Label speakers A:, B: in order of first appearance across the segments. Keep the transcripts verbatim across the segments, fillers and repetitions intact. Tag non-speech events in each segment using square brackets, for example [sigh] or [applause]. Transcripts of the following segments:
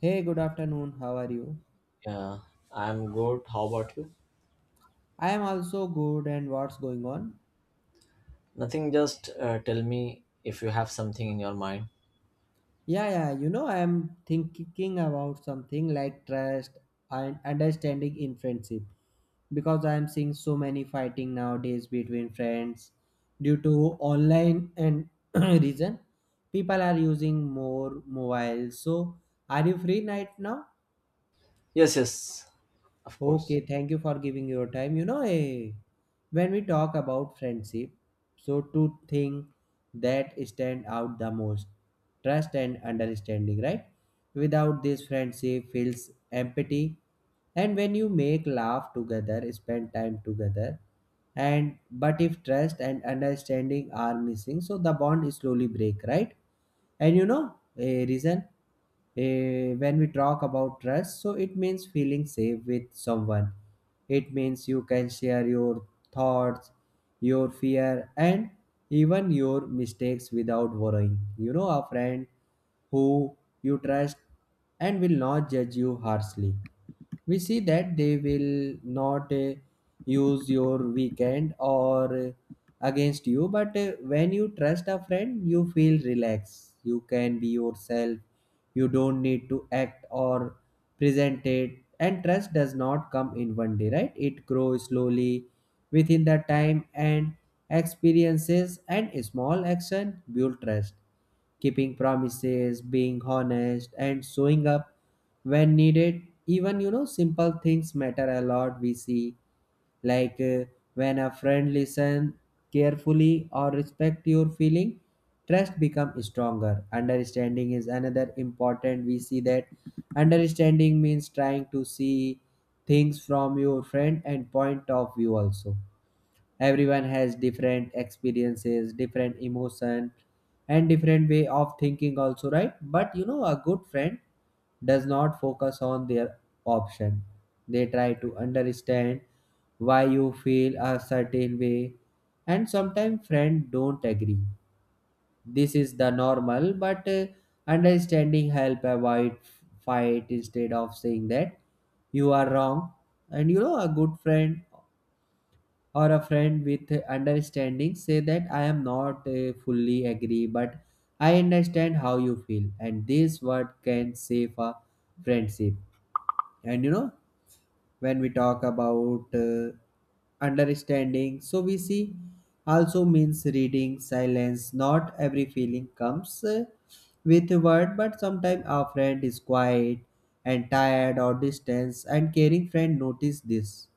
A: Hey, good afternoon. How are you?
B: Yeah, I'm good. How about you?
A: I am also good, and what's going on?
B: Nothing, just uh, tell me if you have something in your mind.
A: Yeah, yeah, you know, I am thinking about something like trust and understanding in friendship because I am seeing so many fighting nowadays between friends due to online and [clears throat] reason. People are using more mobiles. So, are you free right now?
B: Yes, yes, of course.
A: Okay, thank you for giving your time. You know, eh, when we talk about friendship, so two things that stand out the most, trust and understanding, right? Without this, friendship feels empty. And when you make laugh together, spend time together, and but if trust and understanding are missing, so the bond slowly break, right? And you know, a reason, eh, when we talk about trust, so it means feeling safe with someone. It means you can share your thoughts, your fear, and even your mistakes without worrying. You know a friend who you trust and will not judge you harshly. We see that they will not uh, use your weekend or uh, against you, but uh, when you trust a friend, you feel relaxed. You can be yourself. You don't need to act or present it. And trust does not come in one day, right? It grows slowly within the time and experiences, and small action build trust, keeping promises, being honest, and showing up when needed. Even you know, simple things matter a lot. We see, like uh, when a friend listen carefully or respect your feeling, trust become stronger. Understanding is another important. We see that understanding means trying to see things from your friend and point of view. Also, everyone has different experiences, different emotion, and different way of thinking also, right? But you know, a good friend does not focus on their option. They try to understand why you feel a certain way. And sometimes friends don't agree. This is the normal, but uh, understanding help avoid fight instead of saying that you are wrong. And you know, a good friend or a friend with understanding say that I am not uh, fully agree, but I understand how you feel, and this word can save a friendship. And you know, when we talk about uh, understanding, so we see also means reading silence. Not every feeling comes uh, with a word, but sometimes our friend is quiet and tired or distance, and caring friend notice this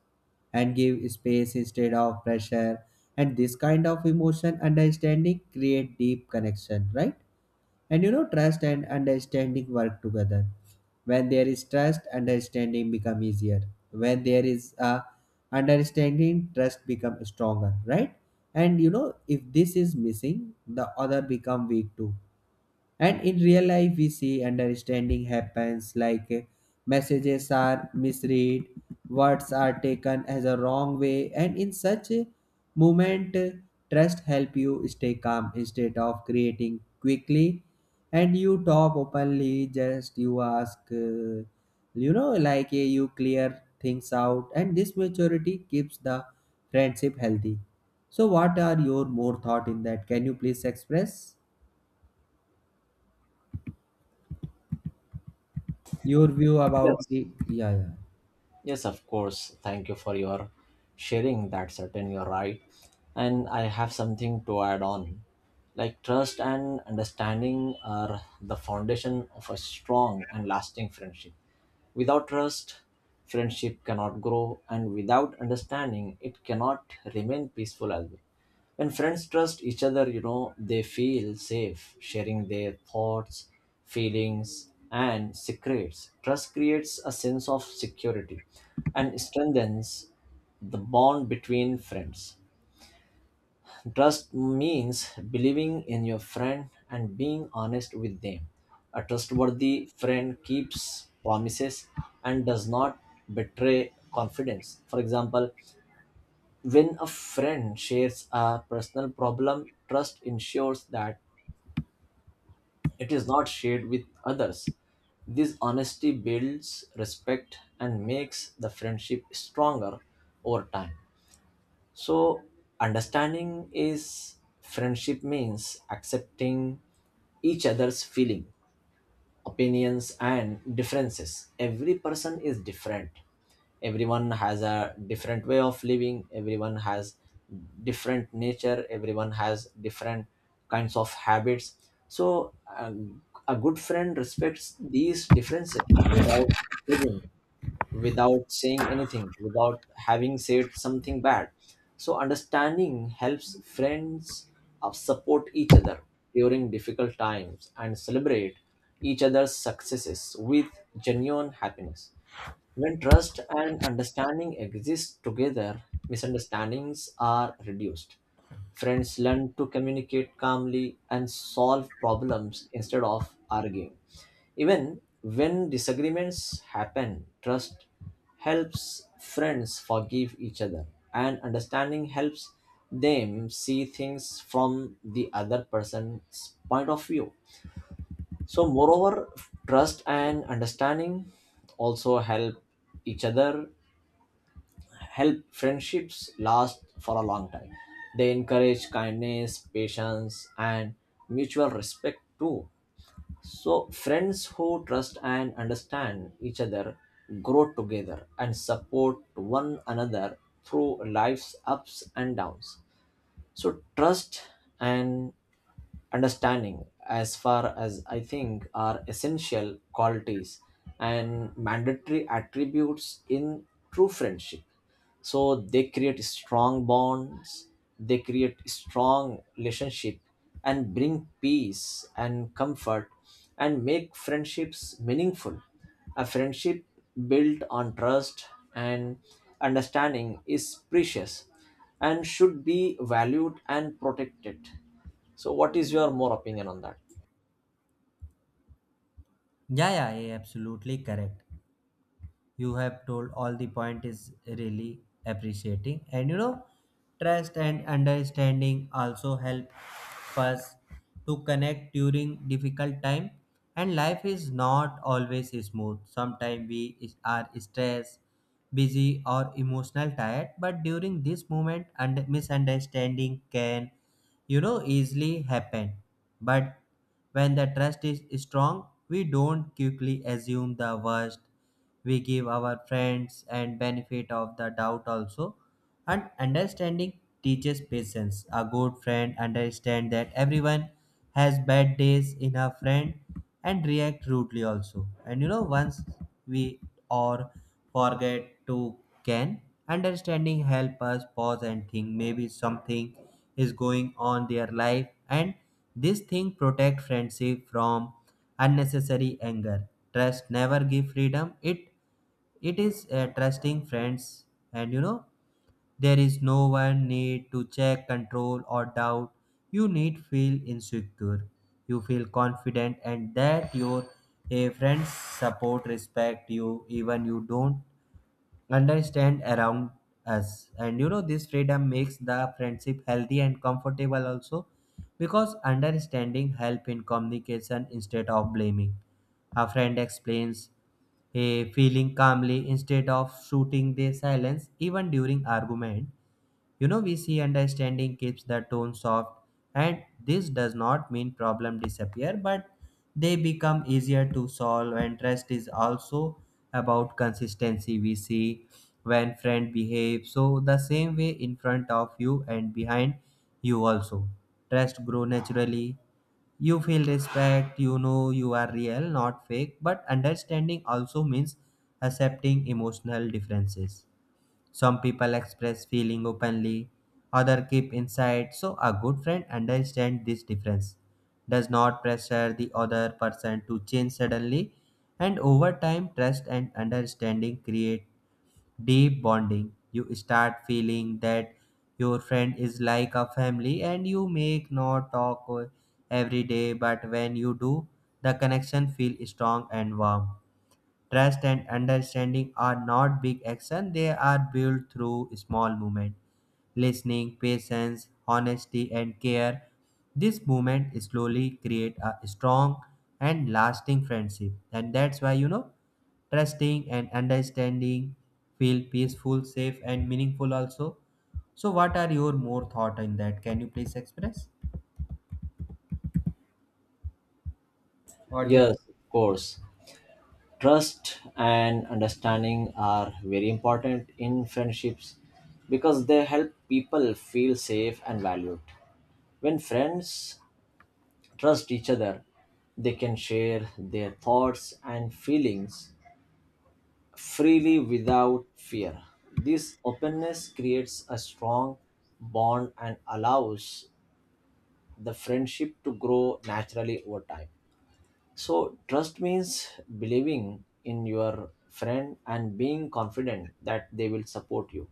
A: and give space instead of pressure. And this kind of emotion understanding create deep connection, right? And you know, trust and understanding work together. When there is trust, understanding become easier. When there is a understanding, trust become stronger, right? And you know, if this is missing, the other become weak too. And in real life we see understanding happens like, eh, messages are misread, words are taken as a wrong way, and in such a moment, eh, trust help you stay calm instead of creating quickly. And you talk openly, just you ask, eh, you know like eh, you clear things out, and this maturity keeps the friendship healthy. So what are your more thought in that? Can you please express your view about
B: Yes.
A: the? Yeah, yeah.
B: Yes, of course. Thank you for your sharing. That's certain you're right. And I have something to add on. Like trust and understanding are the foundation of a strong and lasting friendship. Without trust, friendship cannot grow, and without understanding, it cannot remain peaceful as well. When friends trust each other, you know, they feel safe sharing their thoughts, feelings, and secrets. Trust creates a sense of security and strengthens the bond between friends. Trust means believing in your friend and being honest with them. A trustworthy friend keeps promises and does not betray confidence. For example, when a friend shares a personal problem, trust ensures that it is not shared with others. This honesty builds respect and makes the friendship stronger over time. So, understanding is friendship means accepting each other's feeling, opinions, and differences. Every person is different, everyone has a different way of living, everyone has different nature, everyone has different kinds of habits. So um, a good friend respects these differences without judging, without saying anything, without having said something bad. So, understanding helps friends uh, support each other during difficult times and celebrate each other's successes with genuine happiness. When trust and understanding exist together, misunderstandings are reduced. Friends learn to communicate calmly and solve problems instead of arguing. Even when disagreements happen, trust helps friends forgive each other, and understanding helps them see things from the other person's point of view. So, moreover, trust and understanding also help each other, help friendships last for a long time. They encourage kindness, patience, and mutual respect too. So, friends who trust and understand each other grow together and support one another through life's ups and downs. So, trust and understanding, as far as I think, are essential qualities and mandatory attributes in true friendship. So they create strong bonds, they create strong relationship, and bring peace and comfort, and make friendships meaningful. A friendship built on trust and understanding is precious and should be valued and protected. So, what is your more opinion on that?
A: Yeah, yeah, yeah, absolutely correct. You have told all the point is really appreciating, and you know, trust and understanding also help us to connect during difficult time. And life is not always smooth. Sometimes we is- are stressed, busy, or emotional tired. But during this moment, and misunderstanding can you know easily happen. But when the trust is strong, we don't quickly assume the worst. We give our friends and benefit of the doubt also. And understanding teaches patience. A good friend understands that everyone has bad days in a friend and react rudely also. And you know, once we or forget to can. Understanding help us pause and think maybe something is going on their life, and this thing protect friendship from unnecessary anger. Trust never give freedom. It it is uh, trusting friends. And you know, there is no one need to check control or doubt. You need feel insecure. You feel confident, and that your a friends support respect you, even you don't understand around us. And you know, this freedom makes the friendship healthy and comfortable also, because understanding help in communication instead of blaming. A friend explains a feeling calmly instead of shooting the silence. Even during argument, you know, we see understanding keeps the tone soft, and this does not mean problem disappear, but they become easier to solve. And trust is also about consistency. We see when friend behave so the same way in front of you and behind you also, trust grow naturally. You feel respect, you know you are real, not fake. But understanding also means accepting emotional differences. Some people express feeling openly, other keep inside. So a good friend understands this difference, does not pressure the other person to change suddenly, and over time trust and understanding create deep bonding. You start feeling that your friend is like a family, and you make not talk every day, but when you do, the connection feel strong and warm. Trust and understanding are not big action, they are built through small movement. Listening, patience, honesty, and care. This movement slowly create a strong and lasting friendship. And that's why you know trusting and understanding feel peaceful, safe, and meaningful also. So what are your more thought on that? Can you please express what you?
B: Yes, of course. Trust and understanding are very important in friendships because they help people feel safe and valued. When friends trust each other, they can share their thoughts and feelings freely without fear. This openness creates a strong bond and allows the friendship to grow naturally over time. So, trust means believing in your friend and being confident that they will support you.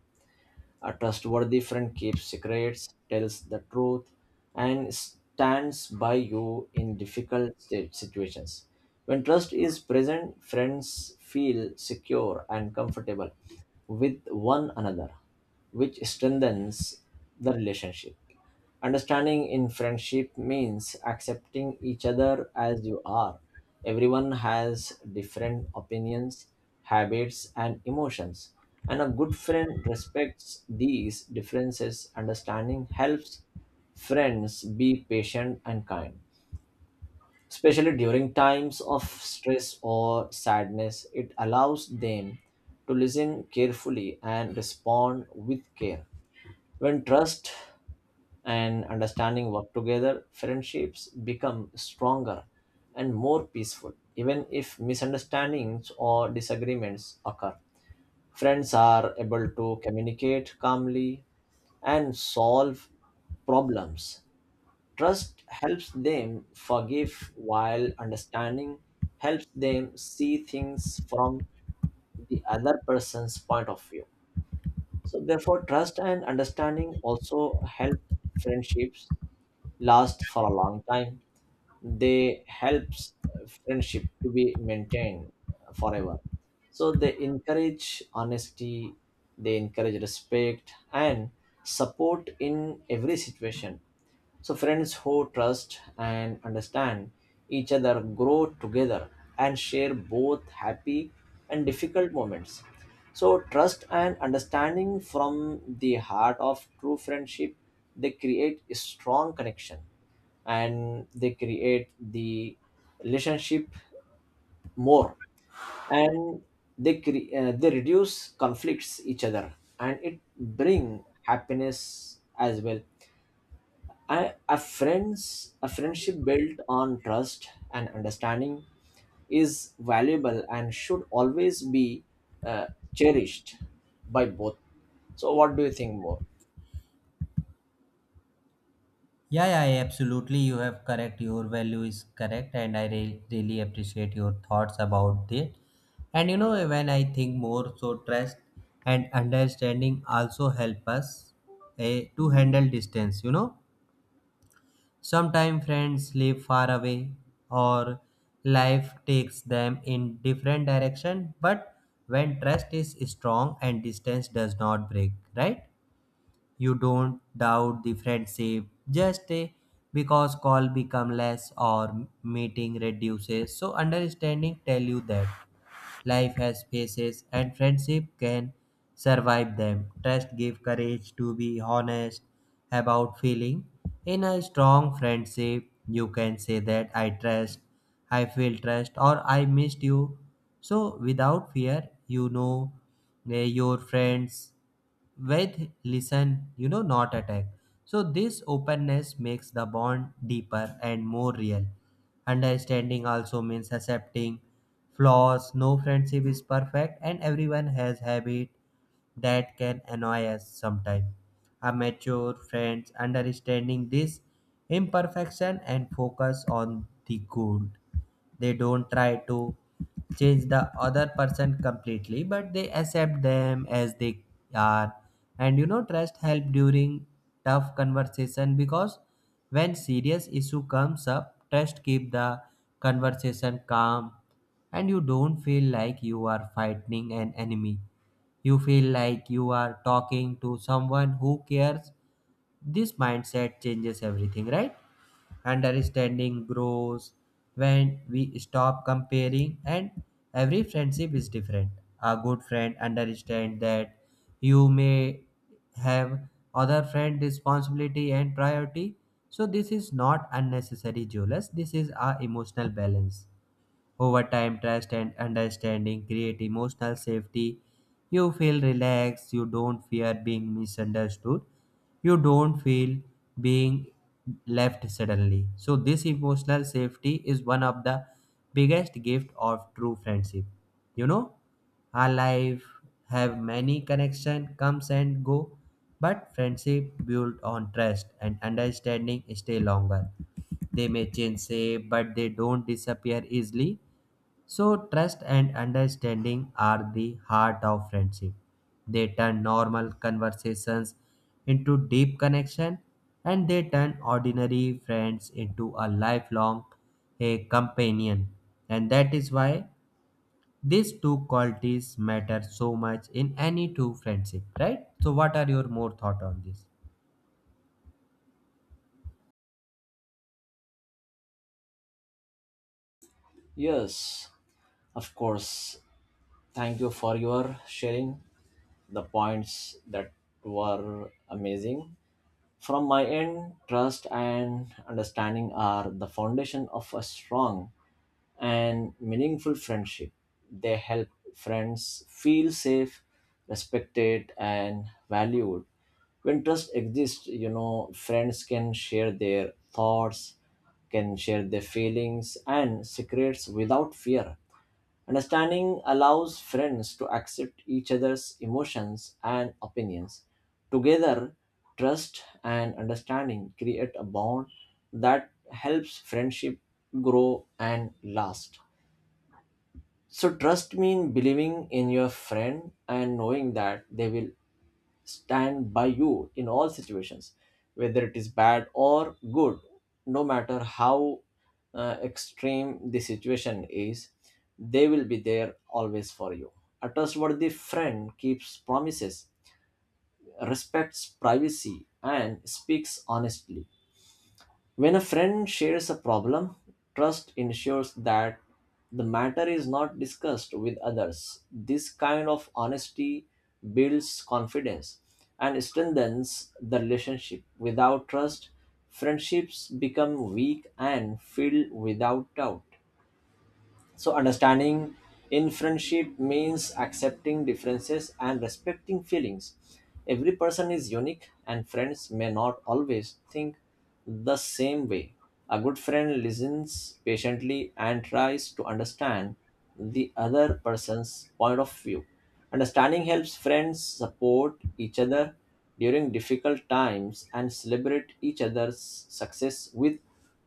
B: A trustworthy friend keeps secrets, tells the truth, and stands by you in difficult sti- situations. When trust is present, friends feel secure and comfortable with one another, which strengthens the relationship. Understanding in friendship means accepting each other as you are. Everyone has different opinions, habits, and emotions. And a good friend respects these differences. Understanding helps friends be patient and kind. Especially during times of stress or sadness, it allows them to listen carefully and respond with care. When trust and understanding work together, friendships become stronger and more peaceful, even if misunderstandings or disagreements occur. Friends are able to communicate calmly and solve problems. Trust helps them forgive, while understanding helps them see things from the other person's point of view. So, therefore, trust and understanding also help friendships last for a long time. They helps friendship to be maintained forever. So they encourage honesty, they encourage respect and support in every situation. So friends who trust and understand each other grow together and share both happy and difficult moments. So trust and understanding from the heart of true friendship. They create a strong connection, and they create the relationship more, and they cre- uh, they reduce conflicts each other, and it bring happiness as well. I, a friends a friendship built on trust and understanding is valuable and should always be uh, cherished by both. So what do you think more?
A: Yeah, yeah, yeah, absolutely. You have correct. Your value is correct, and I re- really appreciate your thoughts about it. And you know, when I think more, so trust and understanding also help us eh, to handle distance. You know, sometimes friends live far away, or life takes them in different direction. But when trust is strong, and distance does not break, right? You don't doubt the friendship just eh, because call become less or meeting reduces. So understanding tell you that life has phases and friendship can survive them. Trust give courage to be honest about feeling. In a strong friendship, you can say that I trust, I feel trust, or I missed you. So without fear, you know, eh, your friends with listen, you know, not attack. So this openness makes the bond deeper and more real. Understanding also means accepting flaws. No friendship is perfect, and everyone has habit that can annoy us sometimes. A mature friends understanding this imperfection and focus on the goal. They don't try to change the other person completely, but they accept them as they are. And you know, trust help during tough conversation, because when serious issue comes up, trust keep the conversation calm, and you don't feel like you are fighting an enemy. You feel like you are talking to someone who cares. This mindset changes everything, right? Understanding grows when we stop comparing, and every friendship is different. A good friend understands that you may have other friend responsibility and priority. So this is not unnecessary jealous. This is our emotional balance. Over time, trust and understanding create emotional safety. You feel relaxed, you don't fear being misunderstood, you don't feel being left suddenly. So, this emotional safety is one of the biggest gift of true friendship. You know, our life have many connection comes and go, but friendship built on trust and understanding stay longer. They may change shape, but they don't disappear easily. So, trust and understanding are the heart of friendship. They turn normal conversations into deep connection, and they turn ordinary friends into a lifelong a companion. And that is why these two qualities matter so much in any two friendship, right? So what are your more thought on this?
B: Yes, of course. Thank you for your sharing. The points that were amazing. From my end, trust and understanding are the foundation of a strong and meaningful friendship. They help friends feel safe, respected, and valued. When trust exists, you know, friends can share their thoughts, can share their feelings and secrets without fear. Understanding allows friends to accept each other's emotions and opinions. Together, trust and understanding create a bond that helps friendship grow and last. So trust means believing in your friend and knowing that they will stand by you in all situations, whether it is bad or good, no matter how uh, extreme the situation is, they will be there always for you. A trustworthy friend keeps promises, respects privacy, and speaks honestly. When a friend shares a problem, trust ensures that the matter is not discussed with others. This kind of honesty builds confidence and strengthens the relationship. Without trust, friendships become weak and filled without doubt. So, understanding in friendship means accepting differences and respecting feelings. Every person is unique, and friends may not always think the same way. A good friend listens patiently and tries to understand the other person's point of view. Understanding helps friends support each other during difficult times and celebrate each other's success with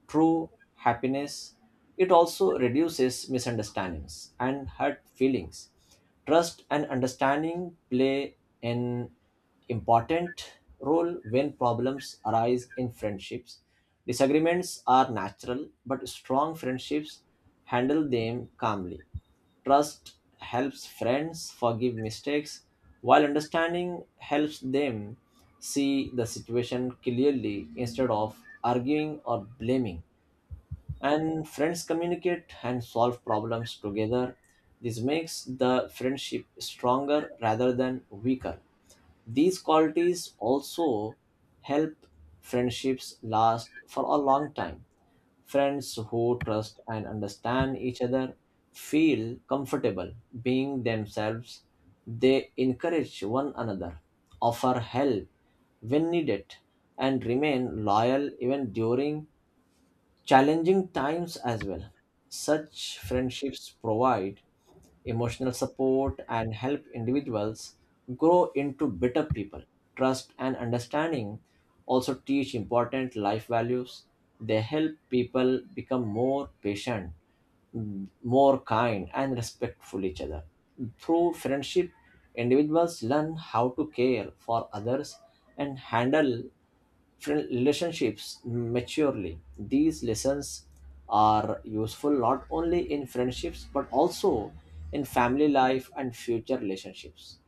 B: true happiness. It also reduces misunderstandings and hurt feelings. Trust and understanding play an important role when problems arise in friendships. Disagreements are natural, but strong friendships handle them calmly. Trust helps friends forgive mistakes, while understanding helps them see the situation clearly instead of arguing or blaming. And friends communicate and solve problems together. This makes the friendship stronger rather than weaker. These qualities also help friendships last for a long time. Friends who trust and understand each other feel comfortable being themselves. They encourage one another, offer help when needed, and remain loyal even during challenging times as well. Such friendships provide emotional support and help individuals grow into better people. Trust and understanding also teach important life values. They help people become more patient, mm, more kind and respectful each other. Through friendship, individuals learn how to care for others and handle friend- relationships maturely. These lessons are useful not only in friendships but also in family life and future relationships.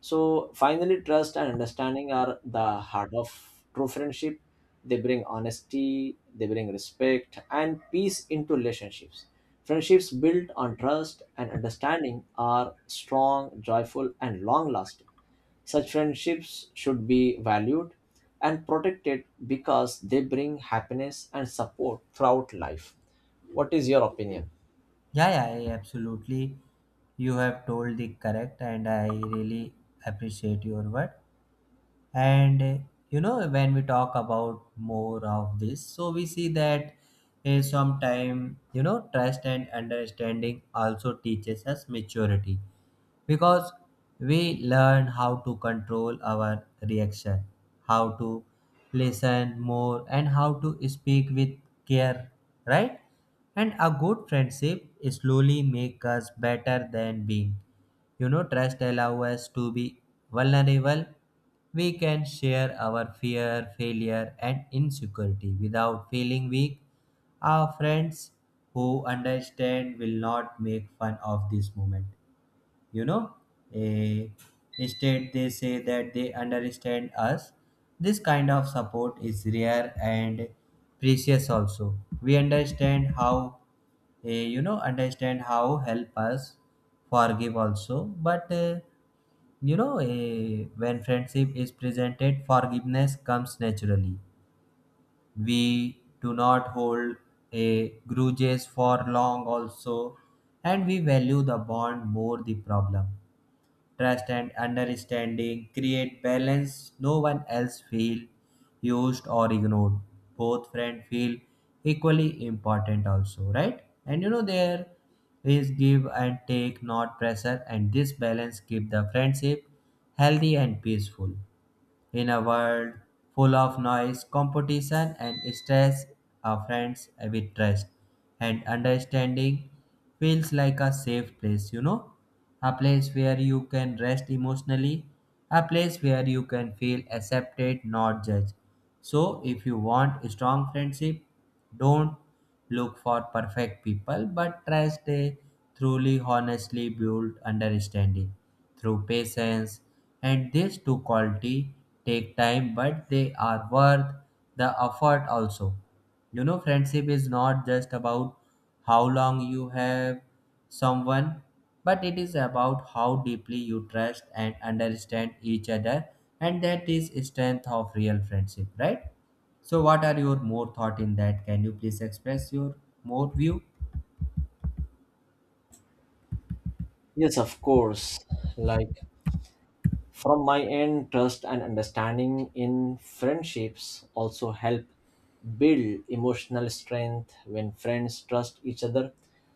B: So finally, trust and understanding are the heart of true friendship. They bring honesty, they bring respect and peace into relationships. Friendships built on trust and understanding are strong, joyful, and long lasting. Such friendships should be valued and protected because they bring happiness and support throughout life. What is your opinion?
A: Yeah, yeah, yeah, absolutely. You have told the correct, and I really appreciate your word. and uh, you know, when we talk about more of this, so we see that uh, sometime you know trust and understanding also teaches us maturity, because we learn how to control our reaction, how to listen more, and how to speak with care, right? And a good friendship slowly make us better than being. You know, trust allow us to be vulnerable. We can share our fear, failure, and insecurity without feeling weak. Our friends who understand will not make fun of this moment. you know eh, Instead they say that they understand us. This kind of support is rare and precious also. We understand how, eh, you know understand how help us forgive also. But eh, you know eh, when friendship is presented, forgiveness comes naturally. We do not hold a grudges for long also, and we value the bond more the problem. Trust and understanding create balance. No one else feel used or ignored. Both friend feel equally important also, right? And you know, there is give and take, not pressure, and this balance keep the friendship healthy and peaceful. In a world full of noise, competition, and stress, a friends with trust and understanding feels like a safe place, you know? A place where you can rest emotionally, a place where you can feel accepted, not judged. So, if you want a strong friendship, don't look for perfect people, but trust a truly, honestly built understanding through patience. And these two quality take time, but they are worth the effort also. You know, friendship is not just about how long you have someone, but it is about how deeply you trust and understand each other, and that is strength of real friendship, right? So, what are your more thought in that? Can you please express your more view?
B: Yes, of course. Like, from my end, trust and understanding in friendships also help build emotional strength. When friends trust each other,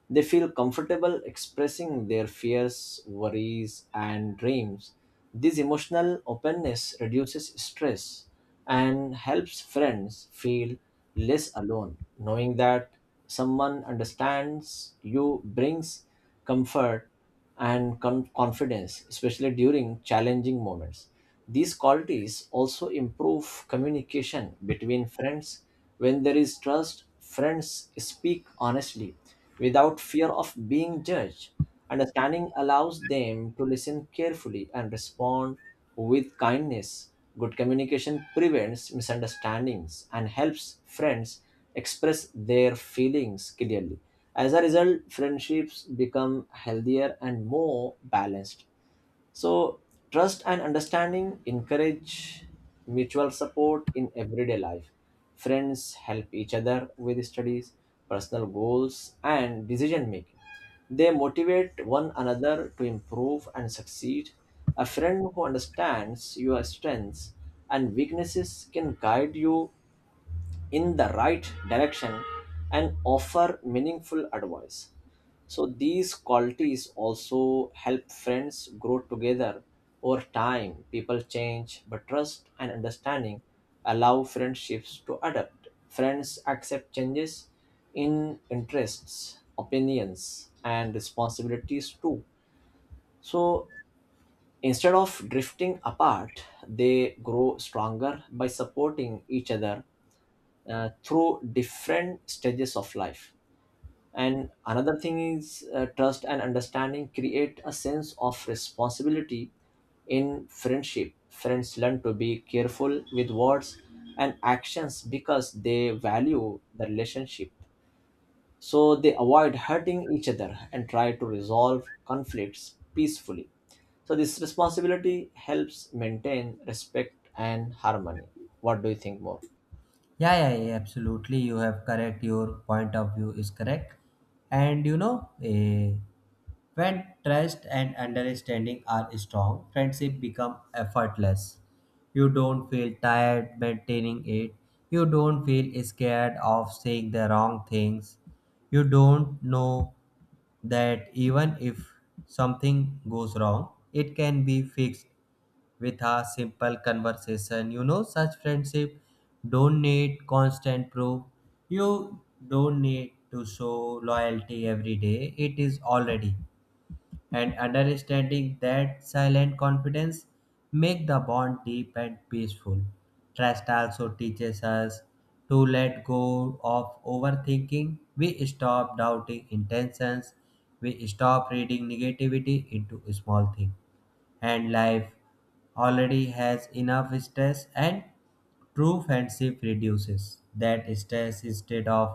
B: they feel comfortable expressing their fears, worries, and dreams. This emotional openness reduces stress and helps friends feel less alone. Knowing that someone understands you brings comfort and con- confidence, especially during challenging moments. These qualities also improve communication between friends. When there is trust, friends speak honestly without fear of being judged. Understanding allows them to listen carefully and respond with kindness. Good communication prevents misunderstandings and helps friends express their feelings clearly. As a result, friendships become healthier and more balanced. So, trust and understanding encourage mutual support in everyday life. Friends help each other with studies, personal goals, and decision making. They motivate one another to improve and succeed. A friend who understands your strengths and weaknesses can guide you in the right direction and offer meaningful advice. So, these qualities also help friends grow together over time. People change, but trust and understanding allow friendships to adapt. Friends accept changes in interests, opinions, and responsibilities too. So, instead of drifting apart, they grow stronger by supporting each other uh, through different stages of life. And another thing is, uh, trust and understanding create a sense of responsibility in friendship. Friends learn to be careful with words and actions because they value the relationship, so they avoid hurting each other and try to resolve conflicts peacefully. So this responsibility helps maintain respect and harmony. What do you think more?
A: Yeah, yeah, yeah, absolutely. You have correct. Your point of view is correct. And you know, eh, when trust and understanding are strong, friendship become effortless. You don't feel tired maintaining it. You don't feel scared of saying the wrong things. You don't know that even if something goes wrong, it can be fixed with a simple conversation. You know, such friendship don't need constant proof. You don't need to show loyalty every day. It is already. And understanding that silent confidence make the bond deep and peaceful. Trust also teaches us to let go of overthinking. We stop doubting intentions. We stop reading negativity into small things, and life already has enough stress, and true friendship reduces that stress instead of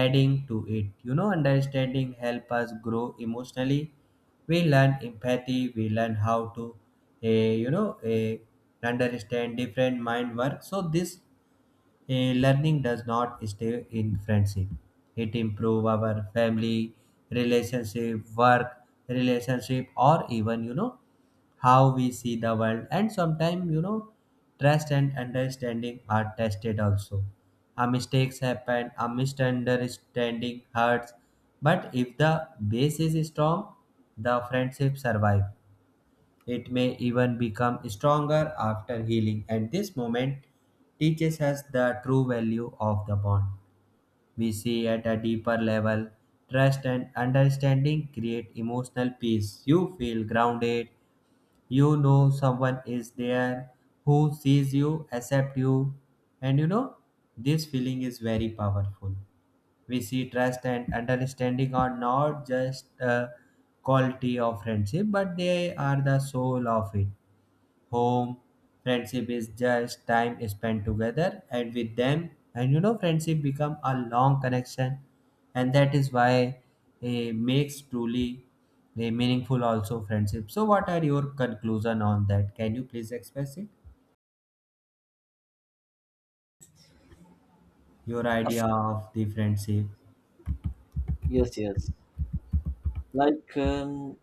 A: adding to it. You know, understanding help us grow emotionally. We learn empathy, we learn how to, eh, you know eh, understand different mind work. So this, Eh, learning does not stay in friendship. It improve our family relationship, work relationship, or even you know how we see the world. And sometimes you know trust and understanding are tested also. A mistakes happen, a misunderstanding hurts, but if the base is strong, the friendship survive. It may even become stronger after healing, and this moment teaches us the true value of the bond. We see at a deeper level, trust and understanding create emotional peace. You feel grounded, you know someone is there who sees you, accepts you, and you know this feeling is very powerful. We see trust and understanding are not just a quality of friendship, but they are the soul of it home. Friendship is just time spent together and with them. And you know, friendship become a long connection, and that is why it makes truly a meaningful also friendship. So, what are your conclusion on that? Can you please express it, your idea of the friendship?
B: Yes, yes. Like um,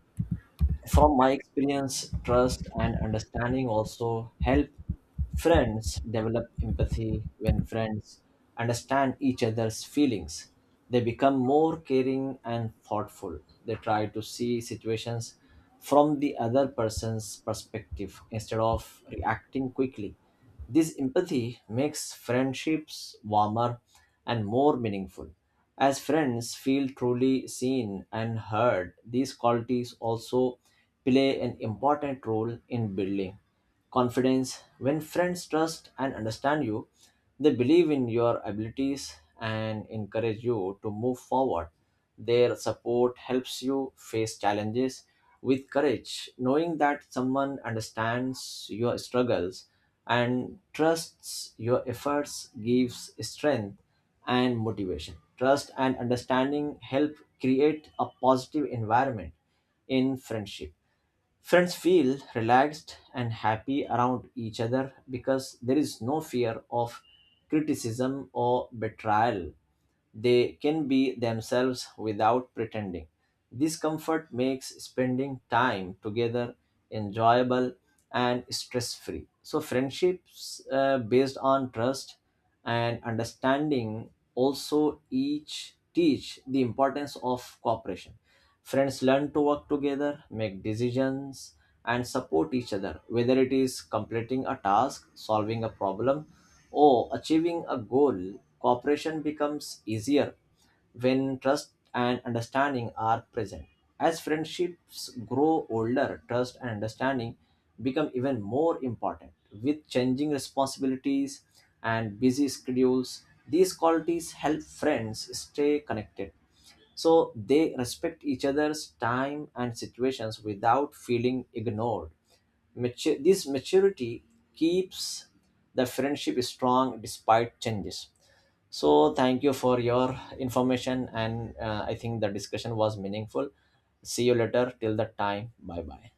B: from my experience, trust and understanding also help friends develop empathy. When friends understand each other's feelings, they become more caring and thoughtful. They try to see situations from the other person's perspective instead of reacting quickly. This empathy makes friendships warmer and more meaningful. As friends feel truly seen and heard, these qualities also play an important role in building confidence. When friends trust and understand you, they believe in your abilities and encourage you to move forward. Their support helps you face challenges with courage. Knowing that someone understands your struggles and trusts your efforts gives strength and motivation. Trust and understanding help create a positive environment in friendship. Friends feel relaxed and happy around each other because there is no fear of criticism or betrayal. They can be themselves without pretending. This comfort makes spending time together enjoyable and stress free. So, friendships uh, based on trust and understanding also each teach the importance of cooperation. Friends learn to work together, make decisions, and support each other, whether it is completing a task, solving a problem, or achieving a goal. Cooperation becomes easier when trust and understanding are present. As friendships grow older, trust and understanding become even more important. With changing responsibilities and busy schedules, these qualities help friends stay connected, so they respect each other's time and situations without feeling ignored. Mature, this maturity keeps the friendship strong despite changes. So thank you for your information, and uh, I think the discussion was meaningful. See you later. Till that time, bye bye.